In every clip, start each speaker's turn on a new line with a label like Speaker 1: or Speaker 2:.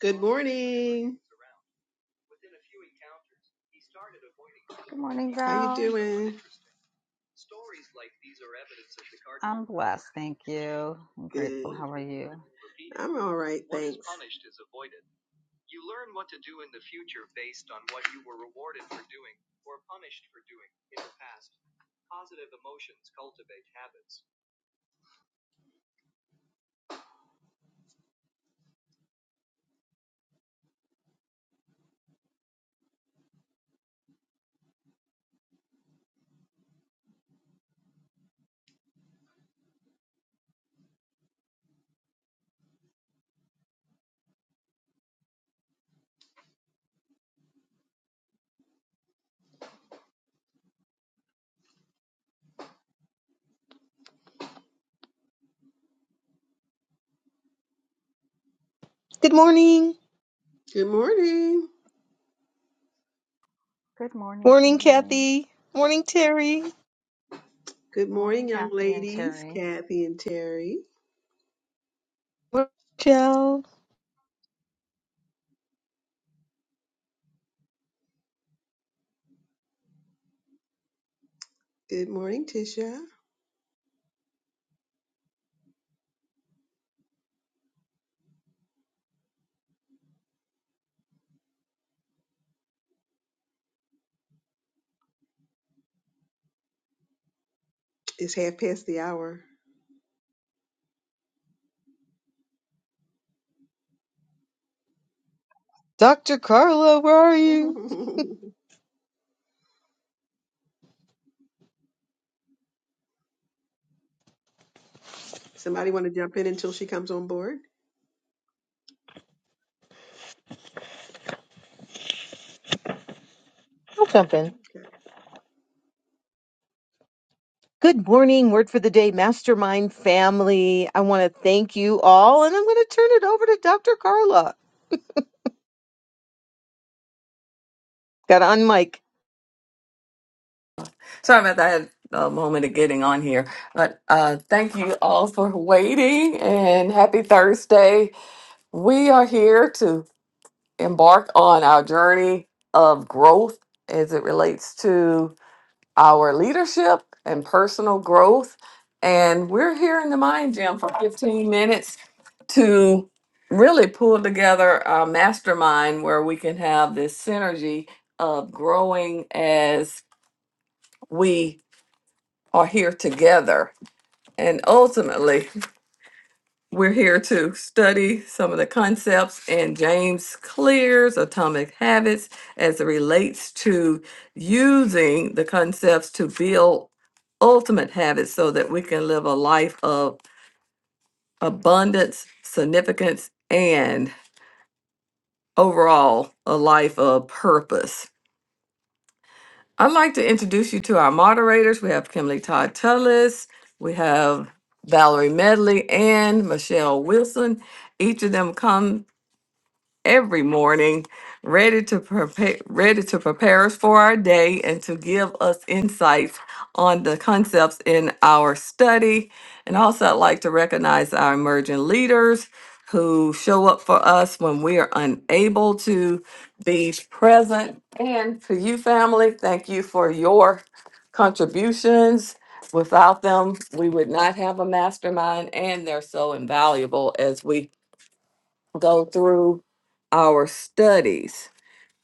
Speaker 1: Good morning.
Speaker 2: Good morning,
Speaker 1: How you
Speaker 2: Val.
Speaker 1: doing?
Speaker 2: I'm blessed, thank you. I'm
Speaker 1: Good.
Speaker 2: grateful. How are you?
Speaker 1: I'm all right, thanks.
Speaker 3: Good morning.
Speaker 1: Good morning.
Speaker 2: Good morning,
Speaker 3: Morning,
Speaker 2: Kimberly.
Speaker 3: Kathy. Morning, Terry.
Speaker 1: Good
Speaker 2: Good morning,
Speaker 1: morning, young
Speaker 2: Kathy and
Speaker 1: ladies,
Speaker 2: Terry.
Speaker 1: Kathy and Terry.
Speaker 3: Morning, Joe.
Speaker 1: Good morning, Tisha. It's half past the hour.
Speaker 3: Dr. Carla, where are you?
Speaker 1: Somebody want to jump in until she comes on board?
Speaker 3: I'll jump in.
Speaker 1: Okay.
Speaker 3: Good morning, word for the day, mastermind family. I want to thank you all, and I'm going to turn it over to Dr. Carla. Got on mic.
Speaker 4: Sorry about that. I had a moment of getting on here. But uh, thank you all for waiting and happy Thursday. We are here to embark on our journey of growth as it relates to our leadership and personal growth. And we're here in the Mind Gym for 15 minutes to really pull together our mastermind where we can have this synergy of growing as we are here together And ultimately, we're here to study some of the concepts in James Clear's Atomic Habits as it relates to using the concepts to build ultimate habits so that we can live a life of abundance, significance, and overall a life of purpose. I'd like to introduce you to our moderators. We have Kimberly Todd Tullis, we have Valerie Medley, and Michelle Wilson. Each of them come every morning, ready to prepare ready to prepare us for our day and to give us insights on the concepts in our study. And also I'd like to recognize our emerging leaders who show up for us when we are unable to be present. And to you family, thank you for your contributions. Without them, we would not have a mastermind, and they're so invaluable as we go through our studies.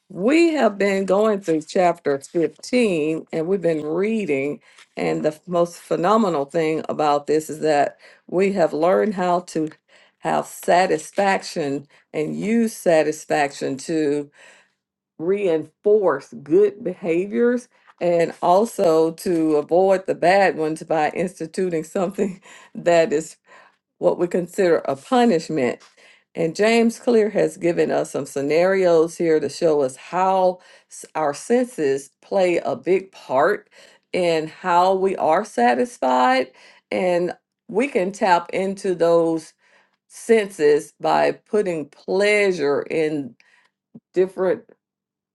Speaker 4: We have been going through chapter 15 and we've been reading. And the most phenomenal thing about this is that we have learned how to have satisfaction and use satisfaction to reinforce good behaviors and also to avoid the bad ones by instituting something that is what we consider a punishment. And James Clear has given us some scenarios here to show us how s- our senses play a big part in how we are satisfied. And we can tap into those senses by putting pleasure in different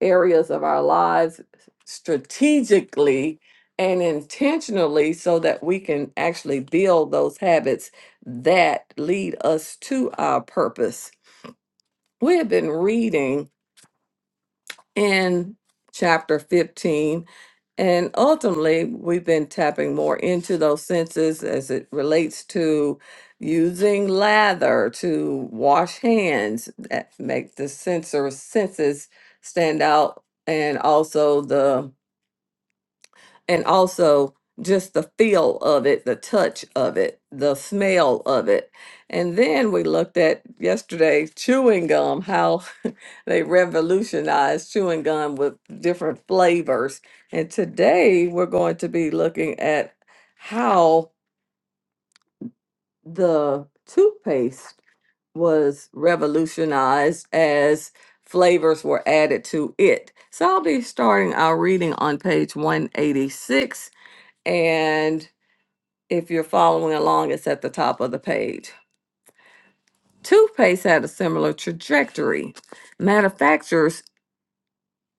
Speaker 4: areas of our lives strategically and intentionally so that we can actually build those habits that lead us to our purpose. We have been reading in chapter 15 and ultimately, we've been tapping more into those senses as it relates to using lather to wash hands that make the sensor senses stand out, and also the and also just the feel of it, the touch of it, the smell of it. And then we looked at yesterday chewing gum, how they revolutionized chewing gum with different flavors. And today we're going to be looking at how the toothpaste was revolutionized as flavors were added to it. So I'll be starting our reading on page 186 and if you're following along, it's at the top of the page. Toothpaste had a similar trajectory. Manufacturers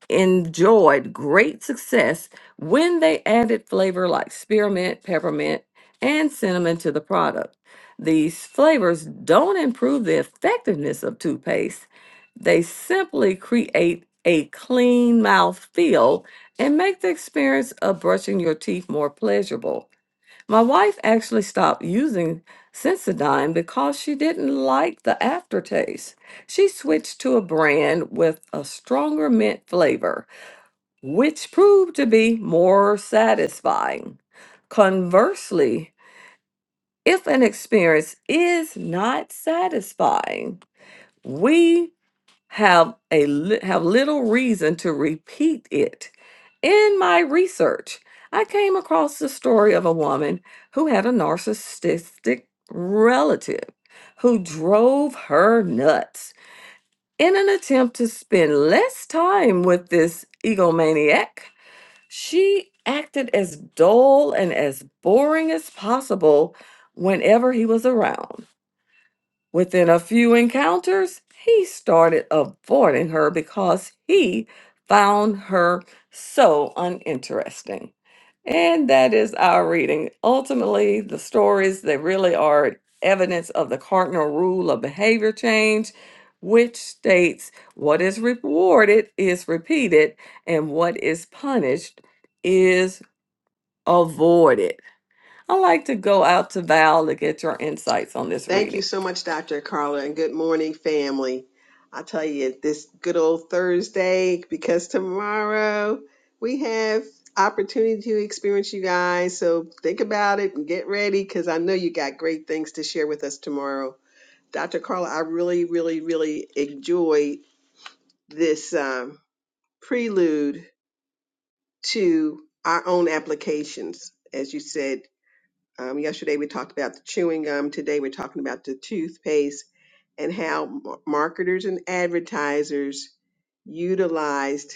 Speaker 4: enjoyed great success when they added flavor like spearmint, peppermint, and cinnamon to the product. These flavors don't improve the effectiveness of toothpaste, they simply create a clean mouth feel and make the experience of brushing your teeth more pleasurable. My wife actually stopped using Sensodyne because she didn't like the aftertaste. She switched to a brand with a stronger mint flavor, which proved to be more satisfying. Conversely, if an experience is not satisfying, we have a li- have little reason to repeat it. In my research, I came across the story of a woman who had a narcissistic relative who drove her nuts. In an attempt to spend less time with this egomaniac, she acted as dull and as boring as possible whenever he was around. Within a few encounters, he started avoiding her because he found her so uninteresting. And that is our reading. Ultimately, the stories they really are evidence of the cardinal rule of behavior change, which states what is rewarded is repeated and what is punished is avoided. I like to go out to Val to get your insights on this
Speaker 1: Thank
Speaker 4: reading.
Speaker 1: you so much, Dr. Carla, and good morning, family. I tell you, this good old Thursday, because tomorrow we have opportunity to experience you guys. So think about it and get ready, because I know you got great things to share with us tomorrow. Dr. Carla, I really, really, really enjoyed this um, prelude to our own applications, as you said um, yesterday we talked about the chewing gum. Today we're talking about the toothpaste and how mar- marketers and advertisers utilized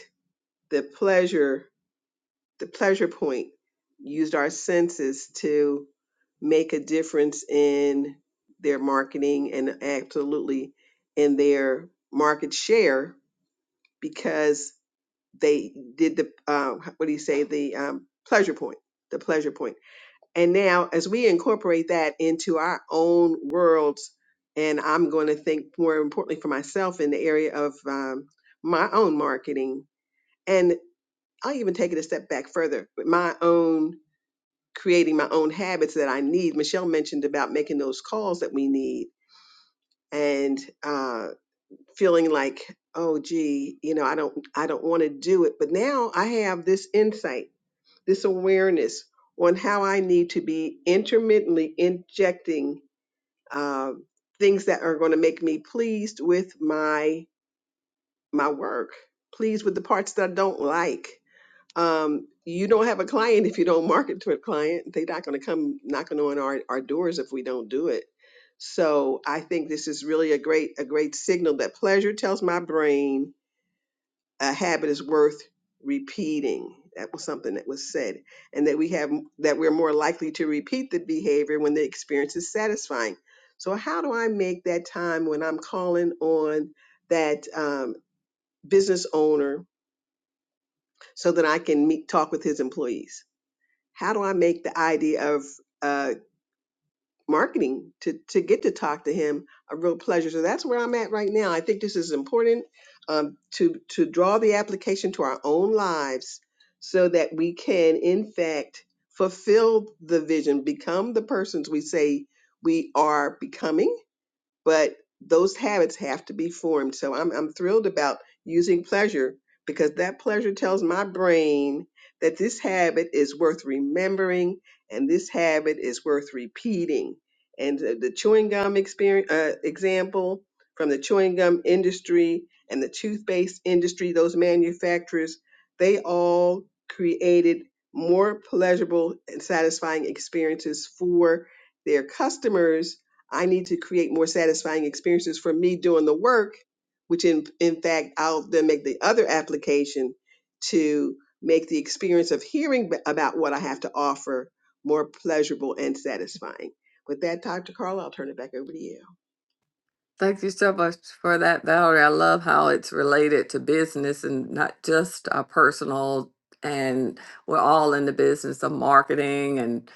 Speaker 1: the pleasure, the pleasure point, used our senses to make a difference in their marketing and absolutely in their market share because they did the uh, what do you say the um, pleasure point, the pleasure point. And now, as we incorporate that into our own worlds, and I'm going to think more importantly for myself in the area of um, my own marketing, and I'll even take it a step back further with my own creating my own habits that I need. Michelle mentioned about making those calls that we need and uh, feeling like, oh, gee, you know, I don't, I don't want to do it. But now I have this insight, this awareness on how I need to be intermittently injecting uh, things that are going to make me pleased with my my work pleased with the parts that i don't like um, you don't have a client if you don't market to a client they're not going to come knocking on our, our doors if we don't do it so i think this is really a great a great signal that pleasure tells my brain a habit is worth repeating. That was something that was said, and that we have that we're more likely to repeat the behavior when the experience is satisfying. So, how do I make that time when I'm calling on that um, business owner so that I can meet talk with his employees? How do I make the idea of uh, marketing to to get to talk to him a real pleasure so that's where i'm at right now i think this is important um, to to draw the application to our own lives so that we can in fact fulfill the vision become the persons we say we are becoming but those habits have to be formed. So I'm I'm thrilled about using pleasure because that pleasure tells my brain that this habit is worth remembering and this habit is worth repeating. And the, the chewing gum experience uh, example from the chewing gum industry and the toothpaste industry, those manufacturers, they all created more pleasurable and satisfying experiences for their customers I need to create more satisfying experiences for me doing the work, which in, in fact, I'll then make the other application to make the experience of hearing b- about what I have to offer more pleasurable and satisfying. With that, Dr. Carla, I'll turn it back over to you.
Speaker 4: Thank you so much for that, Valerie. I love how it's related to business and not just our personal. And we're all in the business of marketing, and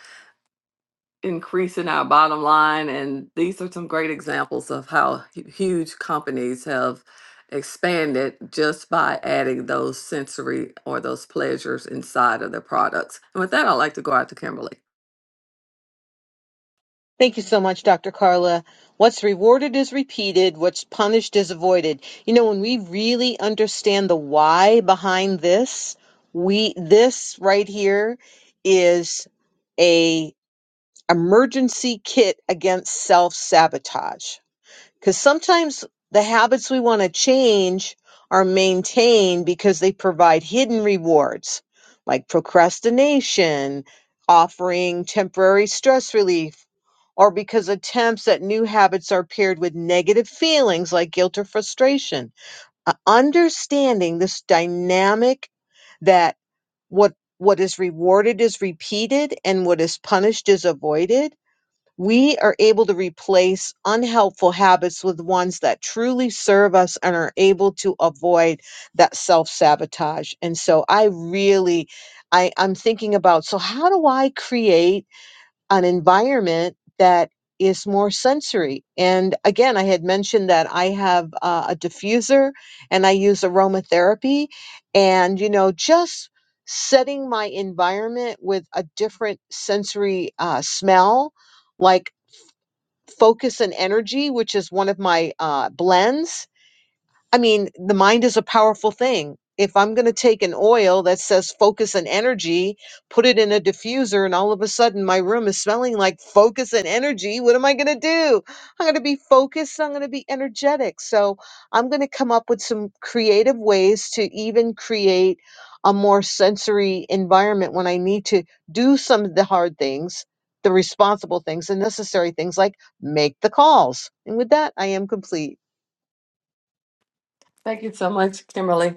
Speaker 4: increasing our bottom line. And these are some great examples of how hu- huge companies have expanded just by adding those sensory or those pleasures inside of their products. And with that, I'd like to go out to Kimberly.
Speaker 3: Thank you so much, Dr. Carla. What's rewarded is repeated, what's punished is avoided. You know, when we really understand the why behind this, we this right here is a emergency kit against self sabotage. Because sometimes the habits we want to change are maintained because they provide hidden rewards like procrastination, offering temporary stress relief, or because attempts at new habits are paired with negative feelings like guilt or frustration. Uh, understanding this dynamic that what what is rewarded is repeated and what is punished is avoided we are able to replace unhelpful habits with ones that truly serve us and are able to avoid that self-sabotage and so i really I, i'm thinking about so how do i create an environment that is more sensory and again i had mentioned that i have uh, a diffuser and i use aromatherapy and you know just setting my environment with a different sensory uh, smell like focus and energy, which is one of my uh, blends I mean, the mind is a powerful thing. If I'm going to take an oil that says focus and energy, put it in a diffuser, and all of a sudden my room is smelling like focus and energy, what am I going to do? I'm going to be focused, I'm going to be energetic. So I'm going to come up with some creative ways to even create a more sensory environment when I need to do some of the hard things, the responsible things, the necessary things like make the calls. And with that, I am complete.
Speaker 4: Thank you so much, Kimberly.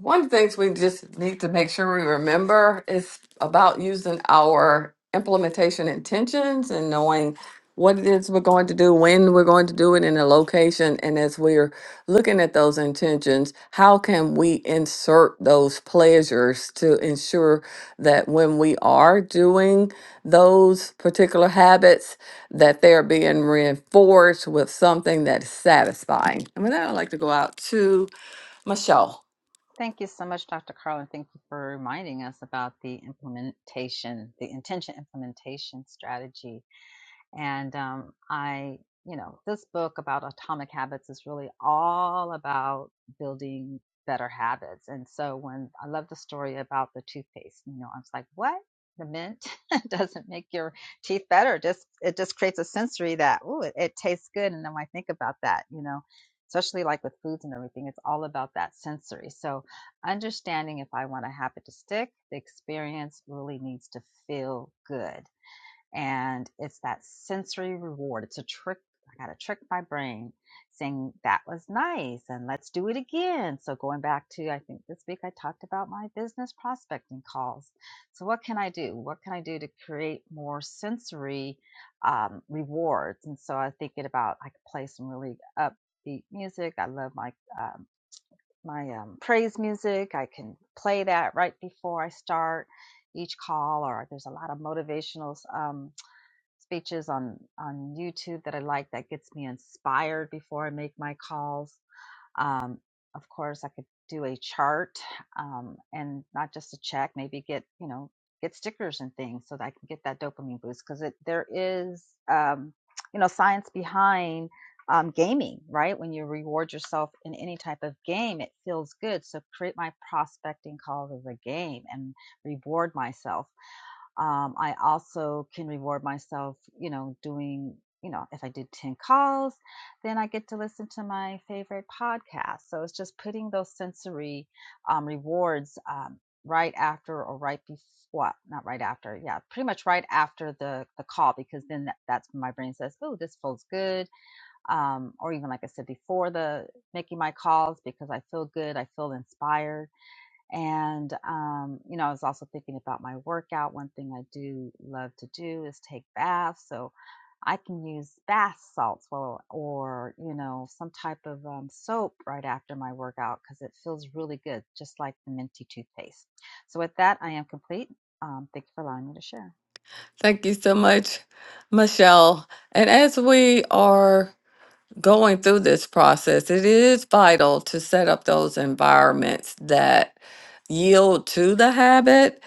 Speaker 4: One of the things we just need to make sure we remember is about using our implementation intentions and knowing what it is we're going to do, when we're going to do it, in a location. And as we're looking at those intentions, how can we insert those pleasures to ensure that when we are doing those particular habits, that they are being reinforced with something that's satisfying. And with that, I'd like to go out to Michelle.
Speaker 2: Thank you so much, Dr. Carlin. Thank you for reminding us about the implementation, the intention implementation strategy And um, I, you know, this book about atomic habits is really all about building better habits. And so when I love the story about the toothpaste, you know, I was like, what? The mint doesn't make your teeth better. Just it just creates a sensory that ooh, it, it tastes good. And then when I think about that, you know, especially like with foods and everything, it's all about that sensory. So understanding if I want a habit to stick, the experience really needs to feel good and it's that sensory reward. It's a trick. I got to trick my brain saying that was nice and let's do it again. So going back to, I think this week I talked about my business prospecting calls. So what can I do? What can I do to create more sensory um, rewards? And so I am thinking about, I could play some really upbeat music. I love my, um, my um, praise music. I can play that right before I start each call or there's a lot of motivational um, speeches on on YouTube that I like that gets me inspired before I make my calls. Um, of course, I could do a chart um, and not just a check. Maybe get you know get stickers and things so that I can get that dopamine boost because it there is um, you know science behind um, gaming right when you reward yourself in any type of game it feels good so create my prospecting calls as a game and reward myself um, I also can reward myself, you know, doing, you know, if I did 10 calls, then I get to listen to my favorite podcast. So it's just putting those sensory um, rewards um, right after or right before, not right after, yeah, pretty much right after the, the call, because then that, that's when my brain says, oh, this feels good. Um, or even like I said before the making my calls, because I feel good, I feel inspired and, um, you know, I was also thinking about my workout. One thing I do love to do is take baths. So I can use bath salts or, or you know, some type of um, soap right after my workout because it feels really good, just like the minty toothpaste. So, with that, I am complete. Um, thank you for allowing me to share.
Speaker 4: Thank you so much, Michelle. And as we are going through this process, it is vital to set up those environments that yield to the habit,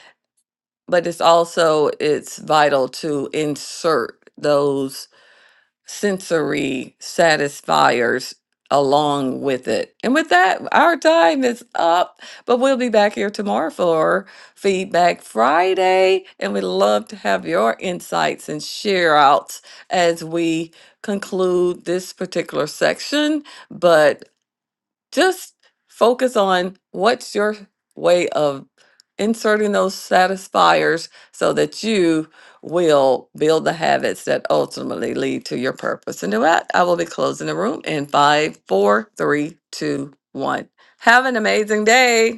Speaker 4: but it's also it's vital to insert those sensory satisfiers along with it. And with that, our time is up, but we'll be back here tomorrow for Feedback Friday. And we'd love to have your insights and share outs as we conclude this particular section. But just focus on what's your way of inserting those satisfiers so that you will build the habits that ultimately lead to your purpose. And with that, I will be closing the room in five, four, three, two, one. Have an amazing day.